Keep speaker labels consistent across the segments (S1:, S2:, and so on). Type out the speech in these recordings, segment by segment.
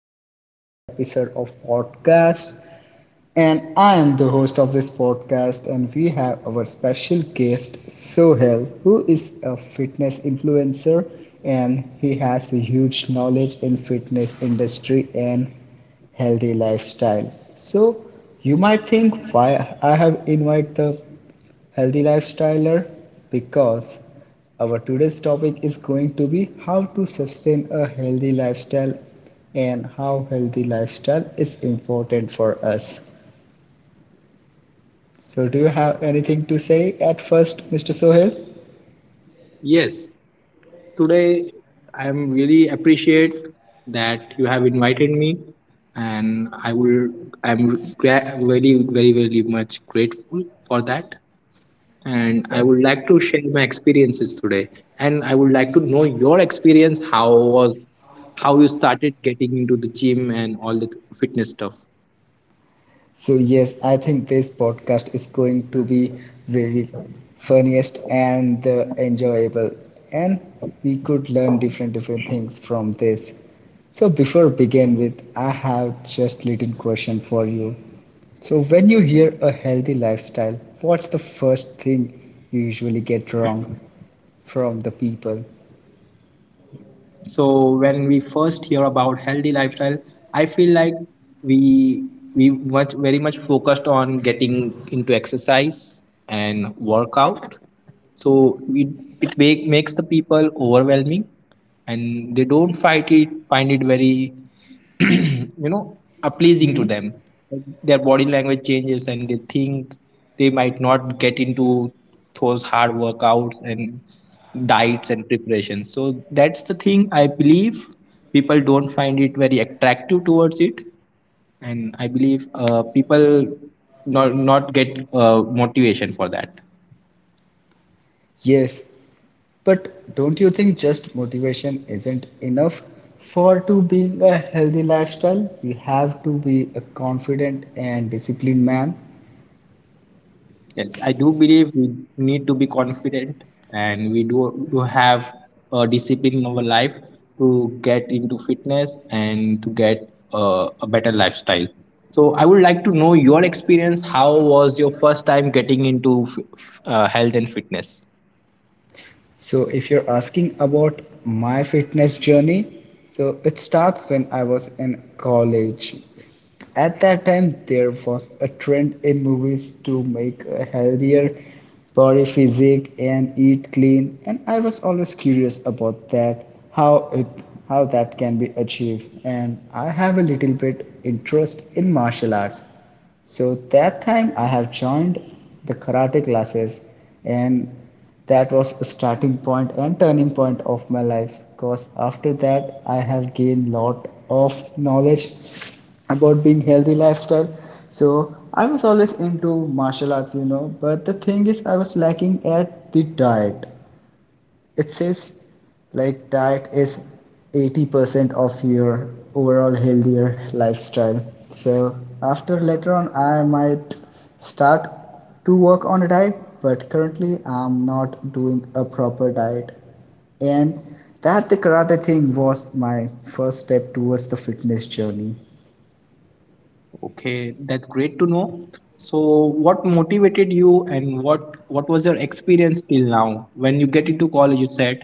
S1: our another episode of podcast. And I am the host of this podcast, and we have our special guest, Sohel, who is a fitness influencer and he has a huge knowledge in fitness industry and healthy lifestyle. So you might think why I have invited the healthy lifestyler because our today's topic is going to be how to sustain a healthy lifestyle and how healthy lifestyle is important for us. So, do you have anything to say at first, Mr. Sohail?
S2: Yes, today I am really appreciate that you have invited me, and I'm very much grateful for that. And I would like to share my experiences today, and I would like to know your experience. Was how you started getting into the gym and all the fitness stuff?
S1: So, yes, I think this podcast is going to be very funniest and enjoyable, and we could learn different different things from this. So, before begin with, I have just little question for you. So, when you hear a healthy lifestyle, what's the first thing you usually get wrong from the people?
S2: So when we first hear about healthy lifestyle, I feel like we we much focused on getting into exercise and workout. So it makes the people overwhelming, and they don't find it very you know are pleasing
S1: Mm-hmm.
S2: to them. Like, their body language changes and they think they might not get into those hard workouts and diets and preparations, so that's the thing I believe people don't find it very attractive towards it. And I believe people not get uh, motivation for that.
S1: Yes, but don't you think just motivation isn't enough for to being a healthy lifestyle? You have to be a confident and disciplined man.
S2: Yes, I do believe we need to be confident and we do have a discipline in our life to get into fitness and to get a better lifestyle. So I would like to know your experience. How was your first time getting into health and fitness?
S1: So if you're asking about my fitness journey, so it starts when I was in college. At that time, there was a trend in movies to make a healthier body physique and eat clean, and I was always curious about that, how it how that can be achieved. And I have a little bit interest in martial arts. So that time I have joined the karate classes and that was a starting point and turning point of my life because after that I have gained lot of knowledge about being healthy lifestyle. So I was always into martial arts, you know, but the thing is I was lacking at the diet. It says like diet is 80% of your overall healthier lifestyle. So after later on I might start to work on a diet, but currently I'm not doing a proper diet. And that the karate thing was my first step towards the fitness journey.
S2: Okay, that's great to know. So, what motivated you, and what was your experience till now? When you get into college, you said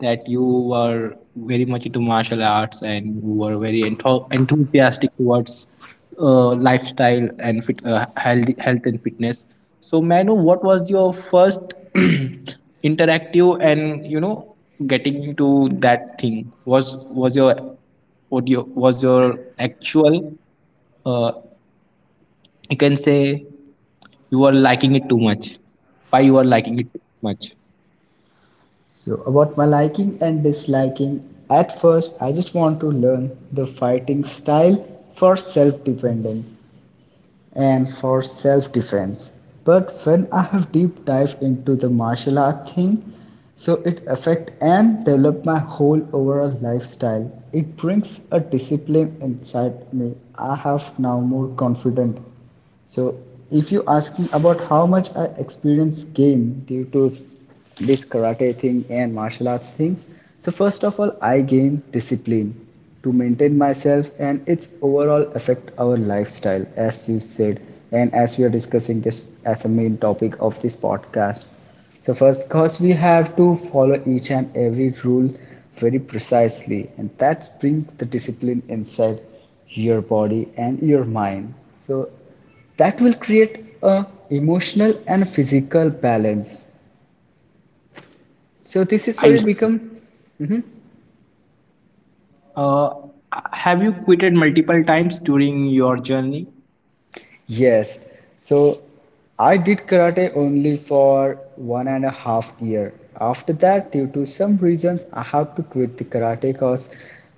S2: that you were very much into martial arts and you were very enthusiastic towards lifestyle and health and fitness. So, may I know what was your first interactive and getting into that thing? Was your what you was your actual uh, you can say, you are liking it too much. Why you are liking it too much?
S1: So about my liking and disliking, at first I just want to learn the fighting style for self-dependence and for self defense. But when I have deep dive into the martial art thing, so it affect and develop my whole overall lifestyle. It brings a discipline inside me. I have now more confident. So if you asking about how much I experience gain due to this karate thing and martial arts thing, so first of all I gain discipline to maintain myself and its overall affect our lifestyle as you said and as we are discussing this as a main topic of this podcast. So first cause we have to follow each and every rule very precisely and that brings the discipline inside your body and your mind. So that will create a emotional and physical balance, so this is where
S2: I
S1: it
S2: see.
S1: become. Mhm.
S2: uh, have you quitted multiple times during your journey?
S1: Yes. So I did karate only for 1.5 years. After that, due to some reasons, I had to quit the karate because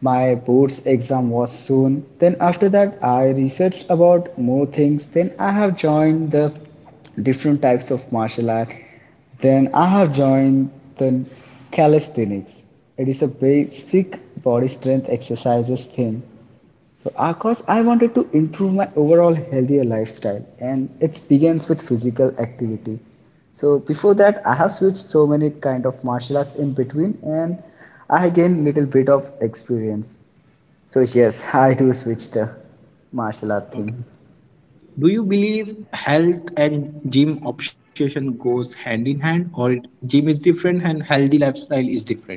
S1: my board's exam was soon. Then after that, I researched about more things. Then I have joined the different types of martial art. Then I have joined the calisthenics. It is a basic body strength exercises thing. So, Akash, I wanted to improve my overall healthier lifestyle, and it begins with physical activity. So, before that, I have switched so many kind of martial arts in between, and I gained little bit of experience. So, yes, I do switch the martial art thing.
S2: Okay, do you believe health and gym obsession goes hand in hand, or gym is different and healthy lifestyle is different?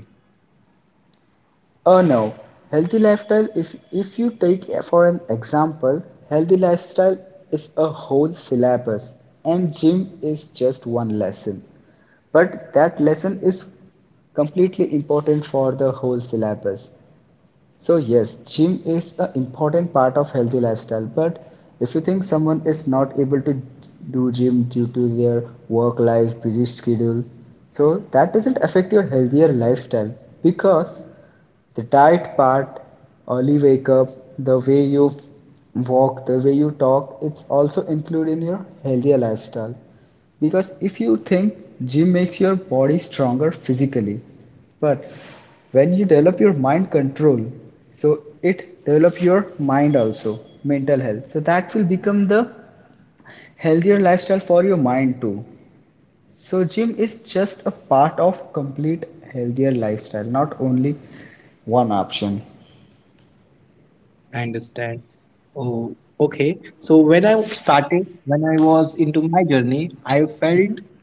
S1: Oh no, healthy lifestyle. If you take for an example, healthy lifestyle is a whole syllabus, and gym is just one lesson. But that lesson is completely important for the whole syllabus. So yes, gym is an important part of healthy lifestyle, but if you think someone is not able to do gym due to their work life, busy schedule, so that doesn't affect your healthier lifestyle because the diet part, early wake up, the way you walk, the way you talk, it's also included in your healthier lifestyle. Because if you think gym makes your body stronger physically, but when you develop your mind control, so it develop your mind also, mental health, so that will become the healthier lifestyle for your mind too. So gym is just a part of complete healthier lifestyle, not only one option.
S2: I understand. Oh, okay. So when I started, when I was into my journey, I felt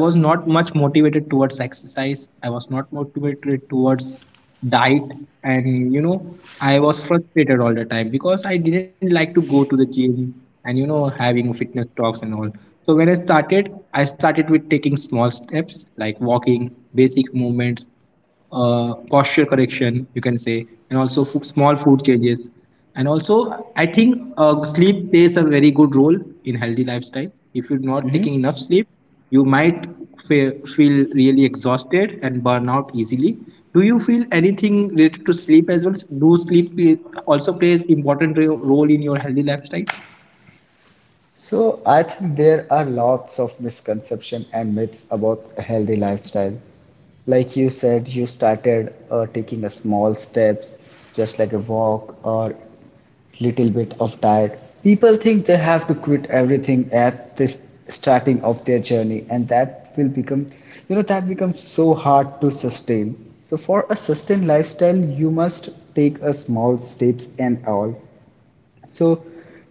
S2: I was not much motivated towards exercise. I was not motivated towards diet, and you know, I was frustrated all the time because I didn't like to go to the gym and you know, having fitness talks and all. So when I started with taking small steps like walking, basic movements, posture correction, you can say, and also small food changes. And also, I think sleep plays a very good role in healthy lifestyle. If you're not
S1: Mhm.
S2: taking enough sleep, you might feel really exhausted and burn out easily. Do you feel anything related to sleep as well? Do also plays important role in your healthy lifestyle?
S1: So I think there are lots of misconceptions and myths about a healthy lifestyle. Like you said, you started taking a small steps, just like a walk or little bit of diet. People think they have to quit everything at this starting of their journey, and that will become, you know, that becomes so hard to sustain. So for a sustained lifestyle, you must take a small steps and all. So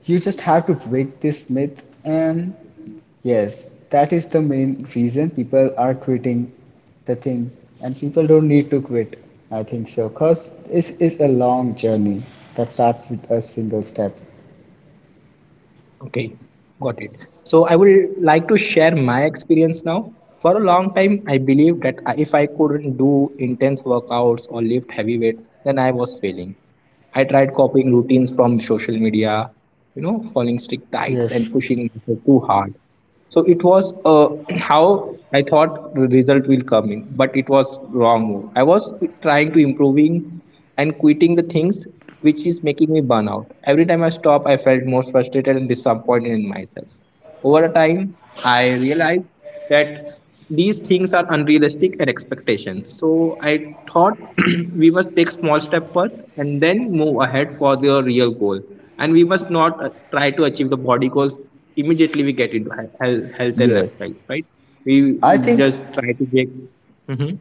S1: you just have to break this myth, and yes, that is the main reason people are quitting the thing, and people don't need to quit. I think so, because this is a long journey that starts with a single step.
S2: Okay, got it. So I would like to share my experience now. For a long time, I believed that if I couldn't do intense workouts or lift heavy weight, then I was failing. I tried copying routines from social media, you know, following strict diets
S1: Yes.
S2: and pushing myself too hard. So it was how I thought the result will come in, but it was wrong move. I was trying to improving and quitting the things which is making me burn out. Every time I stop, I felt more frustrated and disappointed in myself. Over the time, I realized that these things are unrealistic and expectations. So I thought we must take small step first and then move ahead for the real goal. And we must not try to achieve the body goals immediately we get into health and
S1: Yes,
S2: lifestyle, right? We
S1: I think.
S2: just try to get. Mhm.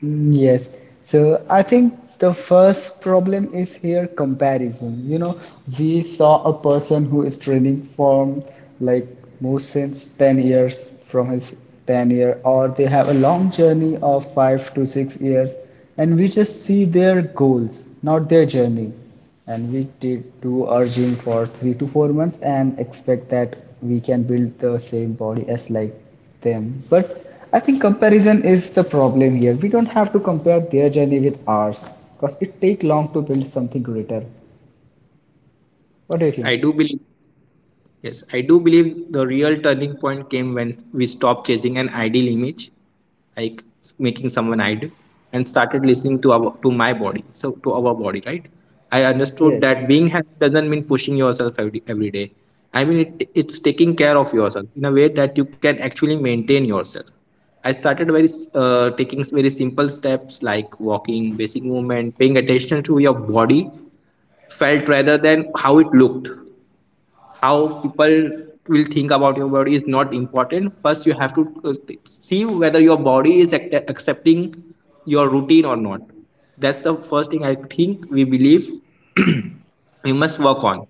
S1: Mm, yes. So I think the first problem is here comparison. You know, we saw a person who is training from like more since 10 years from his 10 year or they have a long journey of 5 to 6 years and we just see their goals, not their journey. And we did do our gym for 3 to 4 months and expect that we can build the same body as like them. But I think comparison is the problem here. We don't have to compare their journey with ours because it take long to build something greater. What do you
S2: Yes,
S1: think?
S2: I do believe Yes, I do believe the real turning point came when we stopped chasing an ideal image, like making someone ideal, and started listening to our to my body, so to our body, right? I understood
S1: Yes.
S2: that being happy doesn't mean pushing yourself every day. I mean, it's taking care of yourself in a way that you can actually maintain yourself. I started taking very simple steps like walking, basic movement, paying attention to your body felt rather than how it looked. How people will think about your body is not important. First you have to see whether your body is accepting your routine or not. That's the first thing I think we believe. You must work on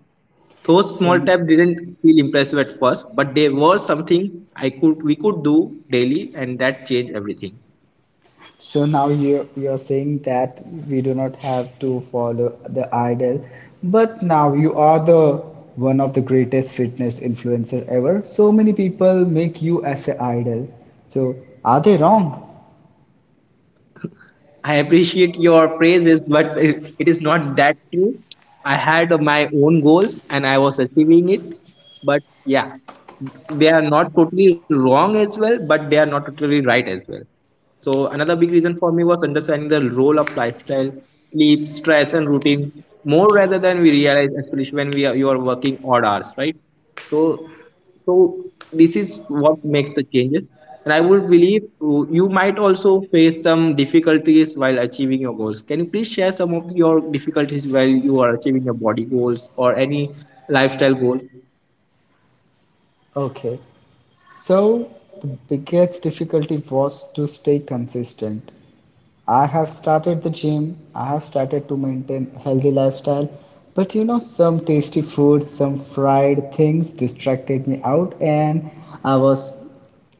S2: those
S1: So,
S2: small steps. Didn't feel impressive at first, but they were something I could we could do daily, and that changed everything.
S1: so now you are saying that we do not have to follow the idol, but now you are the one of the greatest fitness influencer ever. So many people make you as an idol. So are they wrong?
S2: I appreciate your praises, but it is not that true. I had my own goals and I was achieving it. But yeah, they are not totally wrong as well, but they are not totally right as well. So another big reason for me was understanding the role of lifestyle, sleep, stress, and routine more rather than we realize, especially when we are you are working odd hours, right? So, so, this is what makes the changes. And I would believe you might also face some difficulties while achieving your goals. Can you please share some of your difficulties while you are achieving your body goals or any lifestyle goal?
S1: Okay. So the biggest difficulty was to stay consistent. I have started the gym. I have started to maintain healthy lifestyle. But you know, some tasty food, some fried things distracted me out, and I was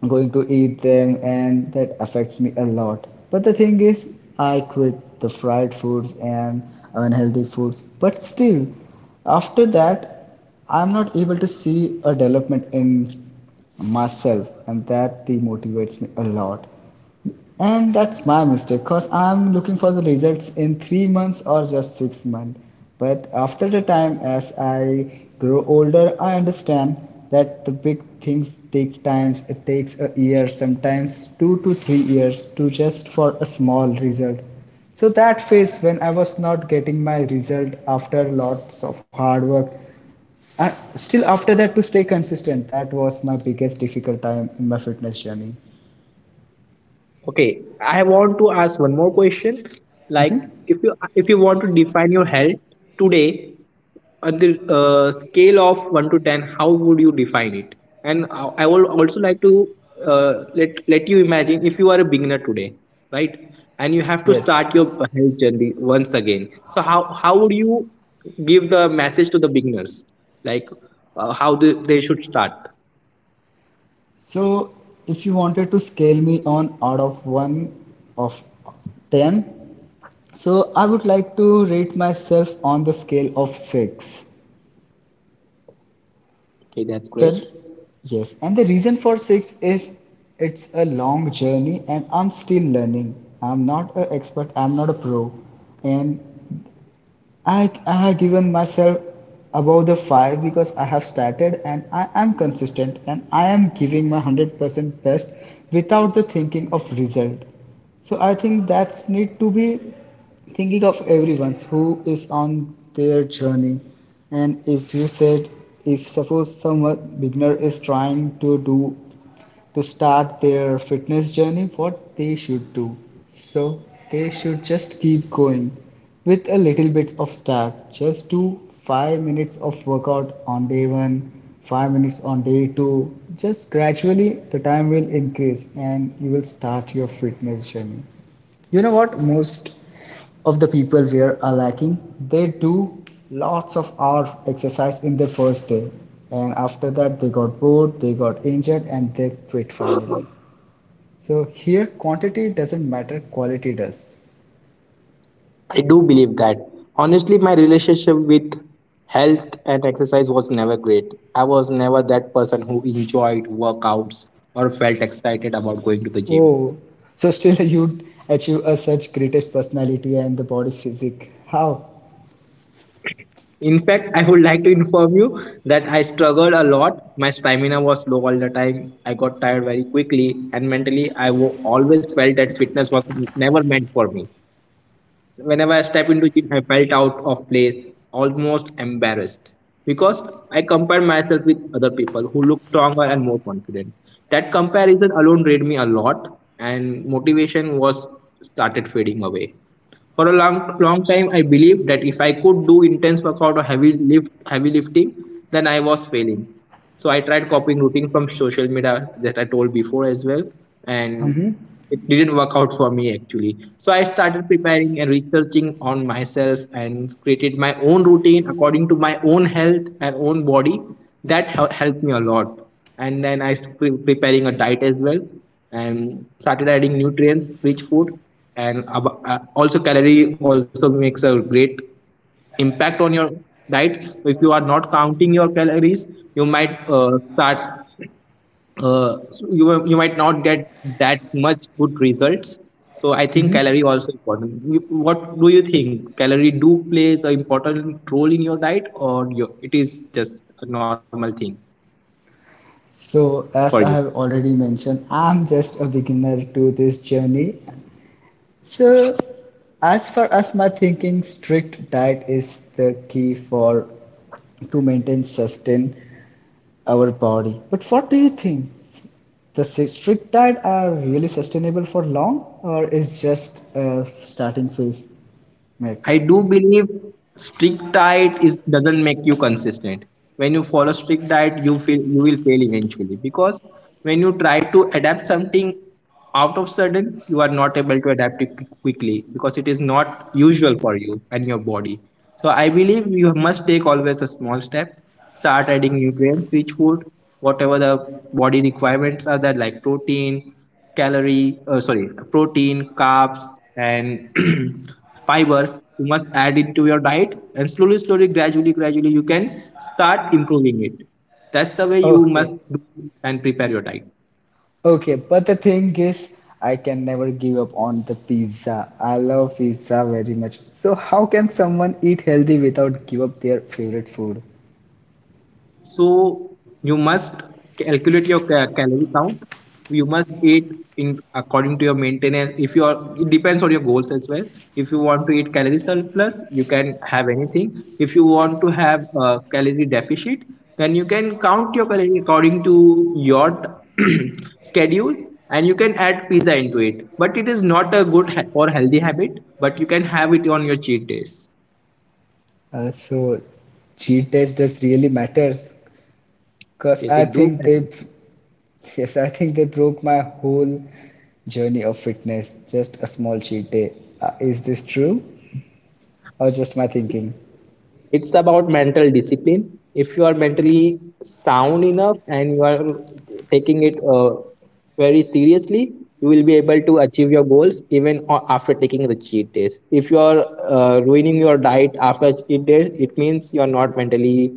S1: going to eat them, and that affects me a lot. But the thing is, I quit the fried foods and unhealthy foods. But still, after that, I'm not able to see a development in myself, and that demotivates me a lot. And that's my mistake because I'm looking for the results in 3 months or just 6 months. But after the time, as I grow older, I understand that the big things take time. It takes a year, sometimes 2 to 3 years, to just for a small result. So that phase when I was not getting my result after lots of hard work, and still after that to stay consistent, that was my biggest difficult time in my fitness journey.
S2: Okay, I want to ask one more question. Like, if you want to define your health today on the scale of one to ten, how would you define it? And I would also like to uh, let you imagine if you are a beginner today, right? And you have to
S1: Yes.
S2: start your health journey once again. So how would you give the message to the beginners, like how they should start?
S1: So if you wanted to scale me on out of 1 of 10, so I would like to rate myself on the scale of 6.
S2: Okay, that's great.
S1: The yes, and the reason for 6 is it's a long journey and I'm still learning. I'm not an expert, I'm not a pro. And I have given myself above the five because I have started and I am consistent and I am giving my 100% best without the thinking of result. So I think that's need to be thinking of everyone who is on their journey. And if you said, if suppose someone beginner is trying to do to start their fitness journey, what they should do. So they should just keep going with a little bit of start. Just do 5 minutes of workout on day one, 5 minutes on day two. Just gradually the time will increase and you will start your fitness journey. You know what most of the people where are lacking, they do lots of hour exercise in their first day and after that they got bored, they got injured and they quit finally. So here quantity doesn't matter, quality does.
S2: I do believe that. Honestly, my relationship with health and exercise was never great. I was never that person who enjoyed workouts or felt excited about going to the gym.
S1: Oh, so still you achieve a such greatest personality and the body physique, how?
S2: In fact, I would like to inform you that I struggled a lot. My stamina was low all the time. I got tired very quickly, and mentally, I always felt that fitness was never meant for me. Whenever I step into gym, I felt out of place, almost embarrassed because I compared myself with other people who look stronger and more confident. That comparison alone drained me a lot, and motivation was started fading away. For a long, long time, I believed that if I could do intense workout or heavy lifting, then I was failing. So I tried copying routine from social media that I told before as well, and
S1: Hmm.
S2: it didn't work out for me actually. So I started preparing and researching on myself and created my own routine according to my own health and own body. That helped me a lot, and then I was preparing a diet as well and started adding nutrients rich food. And also calorie also makes a great impact on your diet. If you are not counting your calories, you might start, you might not get that much good results. So I think calorie also important. What do you think, calorie do plays an important role in your diet, or it is just a normal thing
S1: So
S2: for
S1: as
S2: you?
S1: I have already mentioned, I'm just a beginner to this journey. So, as far as my thinking, strict diet is the key for to maintain sustain our body. But what do you think? The si- strict diet are really sustainable for long, or is just a starting phase
S2: I
S1: myth?
S2: do believe doesn't make you consistent. When you follow strict diet, you feel you will fail eventually, because when you try to adapt something out of sudden, you are not able to adapt it quickly because it is not usual for you and your body. So I believe you must take always a small step. Start adding nutrients rich food, whatever the body requirements are there, like protein, protein, carbs, and fibers you must add into your diet. And slowly, slowly, gradually, gradually, you can start improving it. That's the way you must
S1: Okay,
S2: do and prepare your diet.
S1: okay. But the thing is, I can never give up on the pizza. I love pizza very much. So how can someone eat healthy without give up their favorite food?
S2: So you must calculate your calorie count. You must eat in according to your maintenance. If you are, it depends on your goals as well. If you want to eat calorie surplus, you can have anything. If you want to have a calorie deficit, then you can count your calorie according to your schedule, and you can add pizza into it. But it is not a good ha- or healthy habit. But you can have it on your cheat days.
S1: So cheat test just really matters because
S2: Yes,
S1: I
S2: it do
S1: think
S2: matter.
S1: they, yes, I think they broke my whole journey of fitness. Just a small cheat day. Is this true or just my thinking?
S2: It's about mental discipline. If you are mentally sound enough and you are taking it very seriously, you will be able to achieve your goals even after taking the cheat days. If you are ruining your diet after cheat days, it means you are not mentally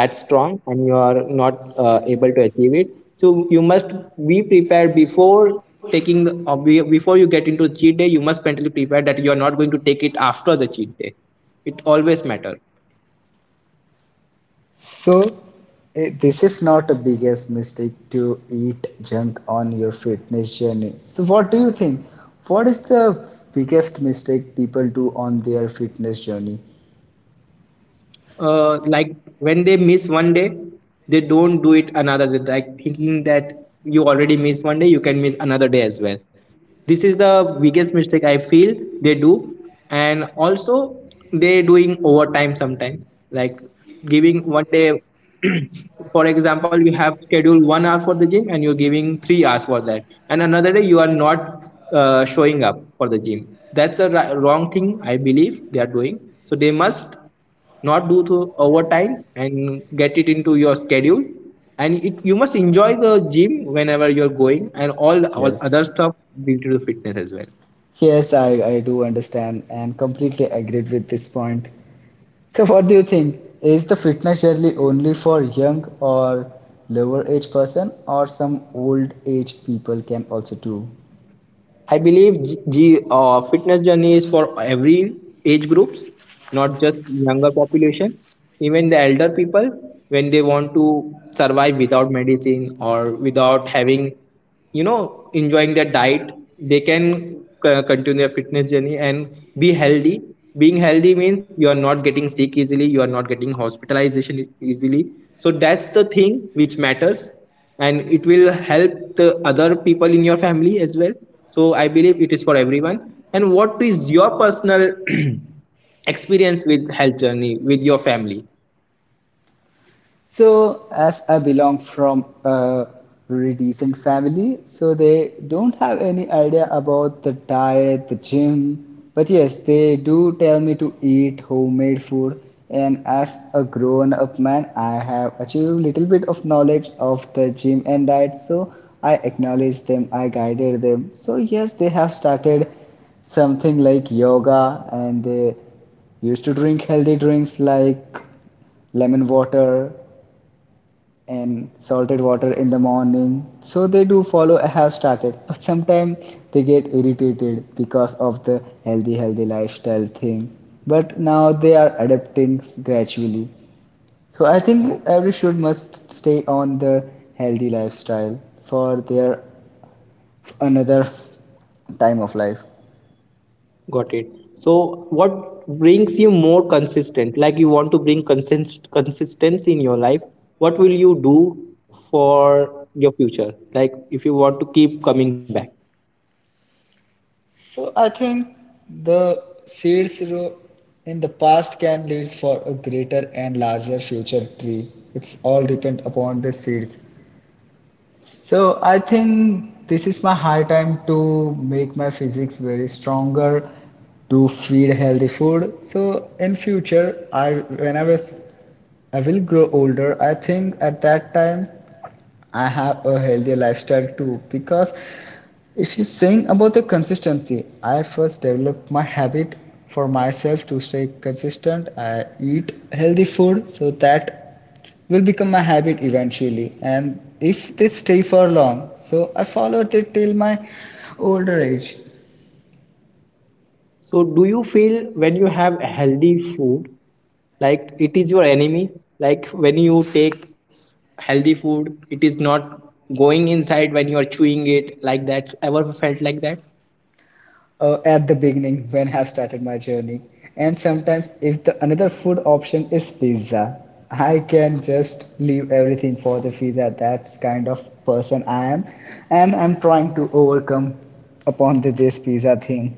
S2: that strong and you are not able to achieve it. So you must be prepared before before you get into cheat day. You must mentally prepare that you are not going to take it after the cheat day. It always matters.
S1: So eh, this is not a biggest mistake to eat junk on your fitness journey. So what do you think? What is the biggest mistake people do on their fitness journey?
S2: Like when they miss one day, they don't do it another day, like thinking that you already miss one day, you can miss another day as well. This is the biggest mistake I feel they do. And also they doing overtime sometimes, like giving one day, for example you have scheduled one hour for the gym and you're giving 3 hours for that. And another day you are not showing up for the gym. That's a wrong thing I believe they are doing. So they must not do the overtime and get it into your schedule. And you must enjoy the gym whenever you're going and all other
S1: Yes.
S2: stuff due to the fitness as well.
S1: Yes, I do understand and completely agreed with this point. So, what do you think? Is the fitness journey only for young or lower age person, or some old age people can also do?
S2: I believe the fitness journey is for every age groups, not just younger population. Even the elder people, when they want to survive without medicine or without having, enjoying their diet, they can continue their fitness journey and be healthy. Being healthy means you are not getting sick easily, you are not getting hospitalization easily. So that's the thing which matters, and it will help the other people in your family as well. So I believe it is for everyone. And what is your personal experience with health journey with your family?
S1: So, as I belong from a really decent family, so they don't have any idea about the diet, the gym. But yes, they do tell me to eat homemade food. And as a grown up man, I have achieved a little bit of knowledge of the gym and diet. So, I acknowledge them, I guided them. So, yes, they have started something like yoga and they used to drink healthy drinks like lemon water and salted water in the morning. So they do follow I have started, but sometimes they get irritated because of the healthy lifestyle thing. But now they are adapting gradually. So I think every should must stay on the healthy lifestyle for their another time of life.
S2: Got it. So what brings you more consistent, like you want to bring consistency in your life? What will you do for your future, like if you want to keep coming back?
S1: So I think the in the past can lead for a greater and larger future tree. It's all depend upon the seeds. So I think this is my high time to make my physics very stronger, to feed healthy food. So in future, when I was I will grow older. I think at that time I have a healthier lifestyle too because if you're saying about the consistency, I first developed my habit for myself to stay consistent. I eat healthy food so that will become my habit eventually. And if they stay for long, so I followed it till my older age.
S2: So, do you feel when you have healthy food, like it is your enemy? Like when you take healthy food, it is not going inside when you are chewing it, like that. Ever felt like that?
S1: At the beginning when I started my journey. And sometimes, if the another food option is pizza, I can just leave everything for the pizza. That's kind of person I am, and I'm trying to overcome upon the, this pizza thing.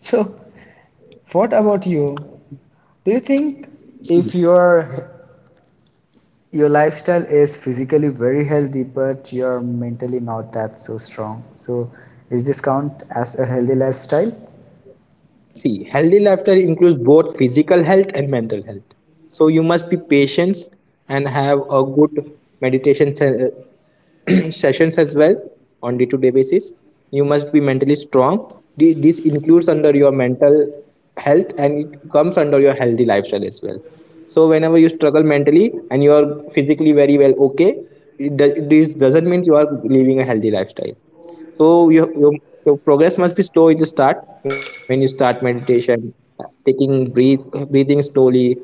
S1: So, what about you? Do you think if your lifestyle is physically very healthy, but you're mentally not that so strong, so is this count as a healthy lifestyle?
S2: See, healthy lifestyle includes both physical health and mental health. So you must be patient and have a good meditation sessions as well on day-to-day basis. You must be mentally strong. This includes under your mental health, and it comes under your healthy lifestyle as well. So whenever you struggle mentally and you are physically very well okay, this doesn't mean you are living a healthy lifestyle. So your progress must be slow in the start when you start meditation, taking breathe breathing slowly.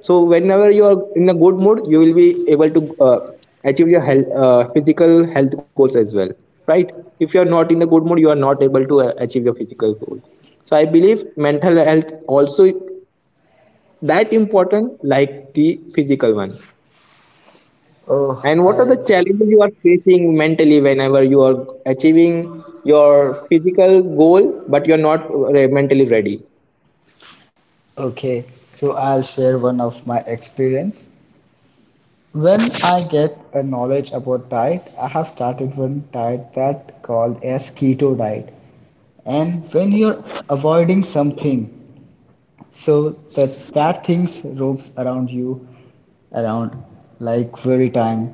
S2: So whenever you are in a good mood, you will be able to uh, achieve your physical health goals as well, right? If you are not in the good mood, you are not able to achieve your physical goals. So I believe mental health also that important like the physical one.
S1: Oh,
S2: And what are
S1: I.
S2: the challenges you are facing mentally whenever you are achieving your physical goal, but you're not mentally ready?
S1: Okay, so I'll share one of my experience. When I get a knowledge about diet, I have started one diet that called as keto diet. And when you're avoiding something, so that things ropes around you, around like very time,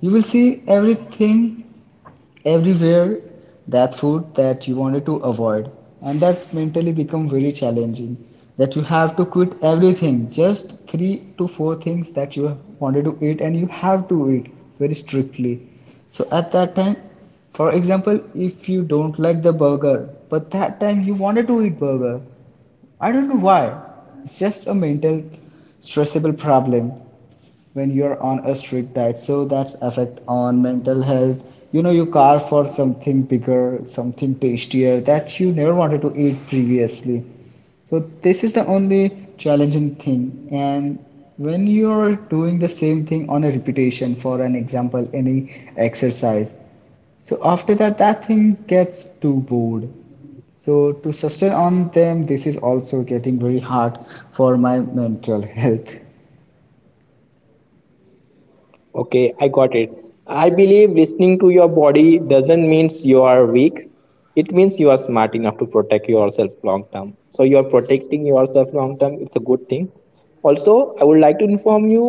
S1: you will see everything everywhere that food that you wanted to avoid, and that mentally become very challenging that you have to quit everything just three to four things that you wanted to eat and you have to eat very strictly. So at that time, for example, if you don't like the burger, but that time you wanted to eat burger, I don't know why. It's just a mental stressable problem when you're on a strict diet, so that's effect on mental health. You know, you carve for something bigger, something tastier that you never wanted to eat previously. So this is the only challenging thing. And when you're doing the same thing on a repetition, for an example, any exercise, so after that, that thing gets too bored. So to sustain on them, this is also getting very hard for my mental health.
S2: Okay, I got it. I believe listening to your body doesn't means you are weak. It means you are smart enough to protect yourself long term. So you are protecting yourself long term. It's a good thing. Also, I would like to inform you.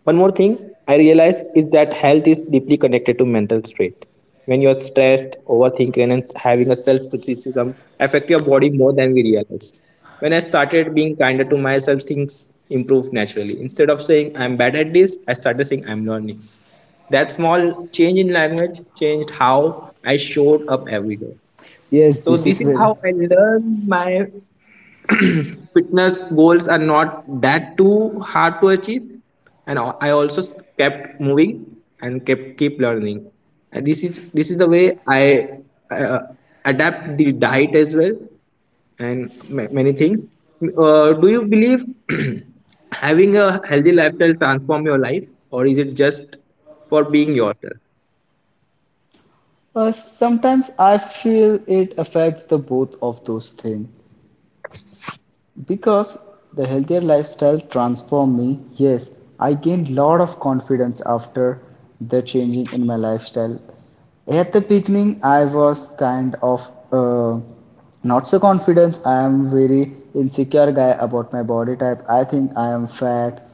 S2: One more thing I realize is that health is deeply connected to mental state. When you're stressed, overthinking, and having a self criticism affect your body more than we realize. When I started being kinder to myself, things improved naturally. Instead of saying I'm bad at this, I started saying I'm learning. That small change in language changed how I showed up every day.
S1: Yes,
S2: So
S1: this
S2: this
S1: is
S2: is
S1: very.
S2: how I learned my fitness goals are not that too hard to achieve, and I also kept moving and kept keep learning. And this is the way I uh, adapt the diet as well and many things. Do you believe having a healthy lifestyle transform your life, or is it just for being yourself?
S1: Sometimes I feel it affects the both of those things. Because the healthier lifestyle transformed me, yes, I gained lot of confidence after the changing in my lifestyle. At the beginning, I was kind of not so confident. I am very insecure guy about my body type. I think I am fat,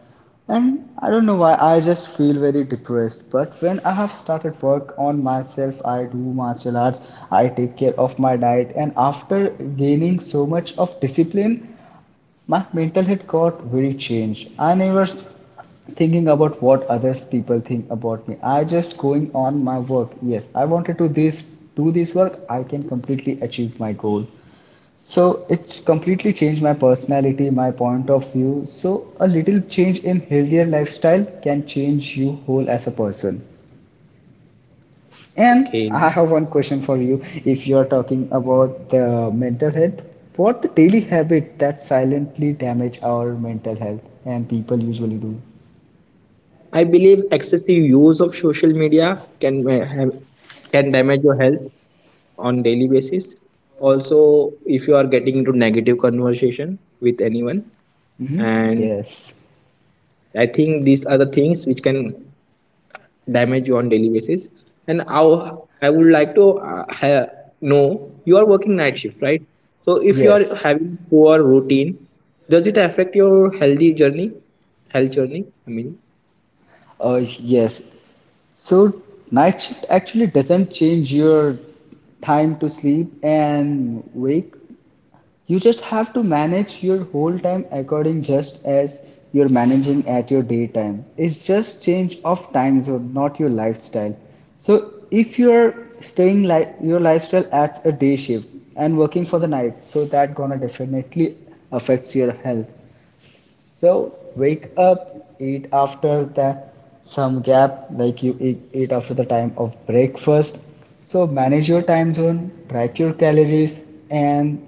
S1: and I don't know why. I just feel very depressed. But when I have started work on myself, I do martial arts. I take care of my diet, and after gaining so much of discipline, my mental health got very changed. I never thinking about what others people think about me. I just going on my work. Yes, I wanted to this do this work. I can completely achieve my goal. So it's completely changed my personality, my point of view. So a little change in healthier lifestyle can change you whole as a person. And
S2: Okay,
S1: I have one question for you. If you are talking about the mental health, what the daily habit that silently damage our mental health and people usually do?
S2: I believe excessive use of social media can ma- have- can damage your health on daily basis. Also if you are getting into negative conversation with anyone.
S1: Hmm.
S2: And
S1: Yes,
S2: I think these are the things which can damage you on daily basis. And how I would like to know, you are working night shift, right? So if you are
S1: yes,
S2: having poor routine, does it affect your health journey, I mean?
S1: yes. So night shift actually doesn't change your time to sleep and wake, you just have to manage your whole time according just as you're managing at your daytime. It's just change of time zone, not your lifestyle. So if you're staying like your lifestyle as a day shift and working for the night, so that gonna definitely affects your health. So wake up, eat after the some gap, like you eat, eat after the time of breakfast. So manage your time zone, track your calories, and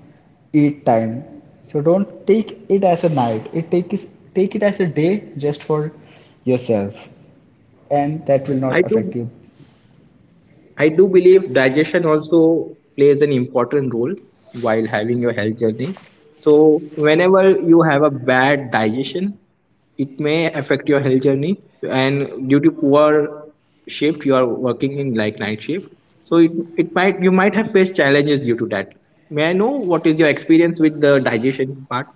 S1: eat time. So don't take it as a night. It take is Take it as a day just for yourself, and that will
S2: i
S1: not affect
S2: do
S1: you.
S2: I do believe digestion also plays an important role while having your health journey. So, whenever you have a bad digestion, it may affect your health journey. And due to poor shift, you are working in like night shift. So, it might you might have faced challenges due to that. May I know what is your experience with the digestion part?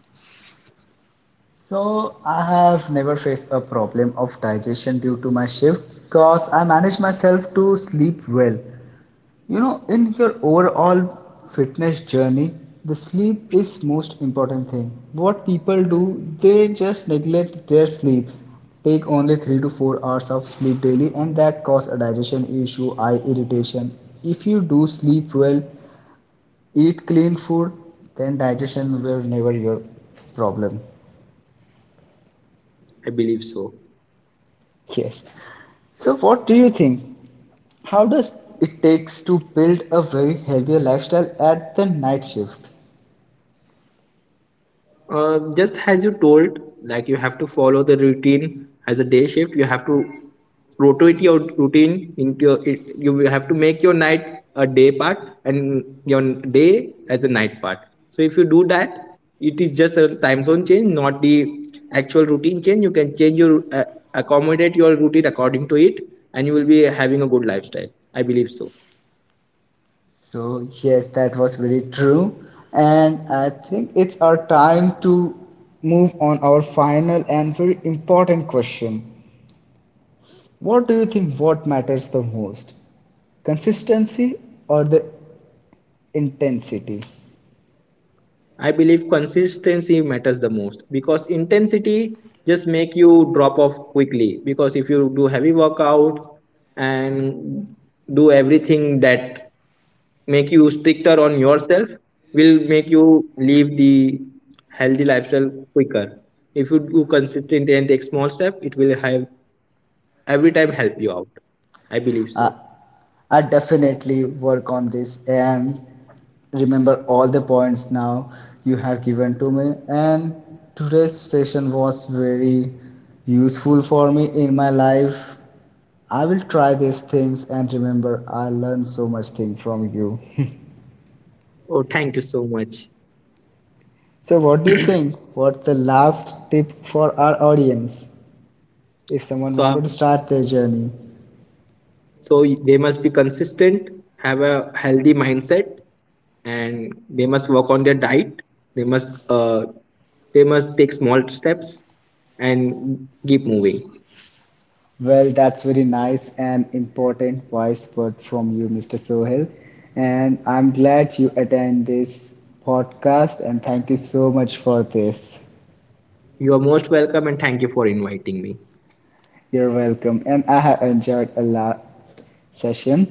S1: So I have never faced a problem of digestion due to my shifts because I manage myself to sleep well. You know, in your overall fitness journey, the sleep is most important thing. What people do, they just neglect their sleep. Take only 3 to 4 hours of sleep daily and that cause a digestion issue, eye irritation. If you do sleep well, eat clean food, then digestion will never your problem.
S2: I believe so.
S1: Yes. So what do you think? How does it takes to build a very healthier lifestyle at the night shift?
S2: Just as you told, like you have to follow the routine as a day shift. You have to rotate your routine into your. You will have to make your night a day part and your day as a night part. So if you do that, it is just a time zone change, not the actual routine change. You can change your accommodate your routine according to it, and you will be having a good lifestyle. I believe so.
S1: So, yes, that was very true. And I think it's our time to move on our final and very important question. What do you think what matters the most? Consistency or the intensity?
S2: I believe consistency matters the most because intensity just make you drop off quickly. Because if you do heavy workouts and do everything that make you stricter on yourself, will make you leave the healthy lifestyle quicker. If you do consistent and take small step, it will have every time help you out. I believe so.
S1: I definitely work on this and remember all the points now you have given to me. And today's session was very useful for me in my life. I will try these things and remember I learned so much thing from you.
S2: Oh, thank you so much.
S1: So what do you think? What's the last tip for our audience if someone
S2: so
S1: wanted to start their journey?
S2: So they must be consistent, have a healthy mindset, and they must work on their diet. They must take small steps and keep moving.
S1: Well, that's very nice and important wise word from you, Mr. Sohail. And I'm glad you attend this podcast and thank you so much for this.
S2: You are most welcome, and thank you for inviting me.
S1: You're welcome. And I have enjoyed a lot session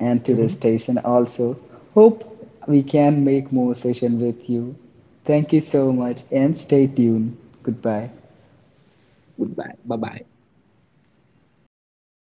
S1: and today's
S2: Mhm.
S1: station also. Hope we can make more session with you. Thank you so much and stay tuned. Goodbye.
S2: Goodbye. Bye bye.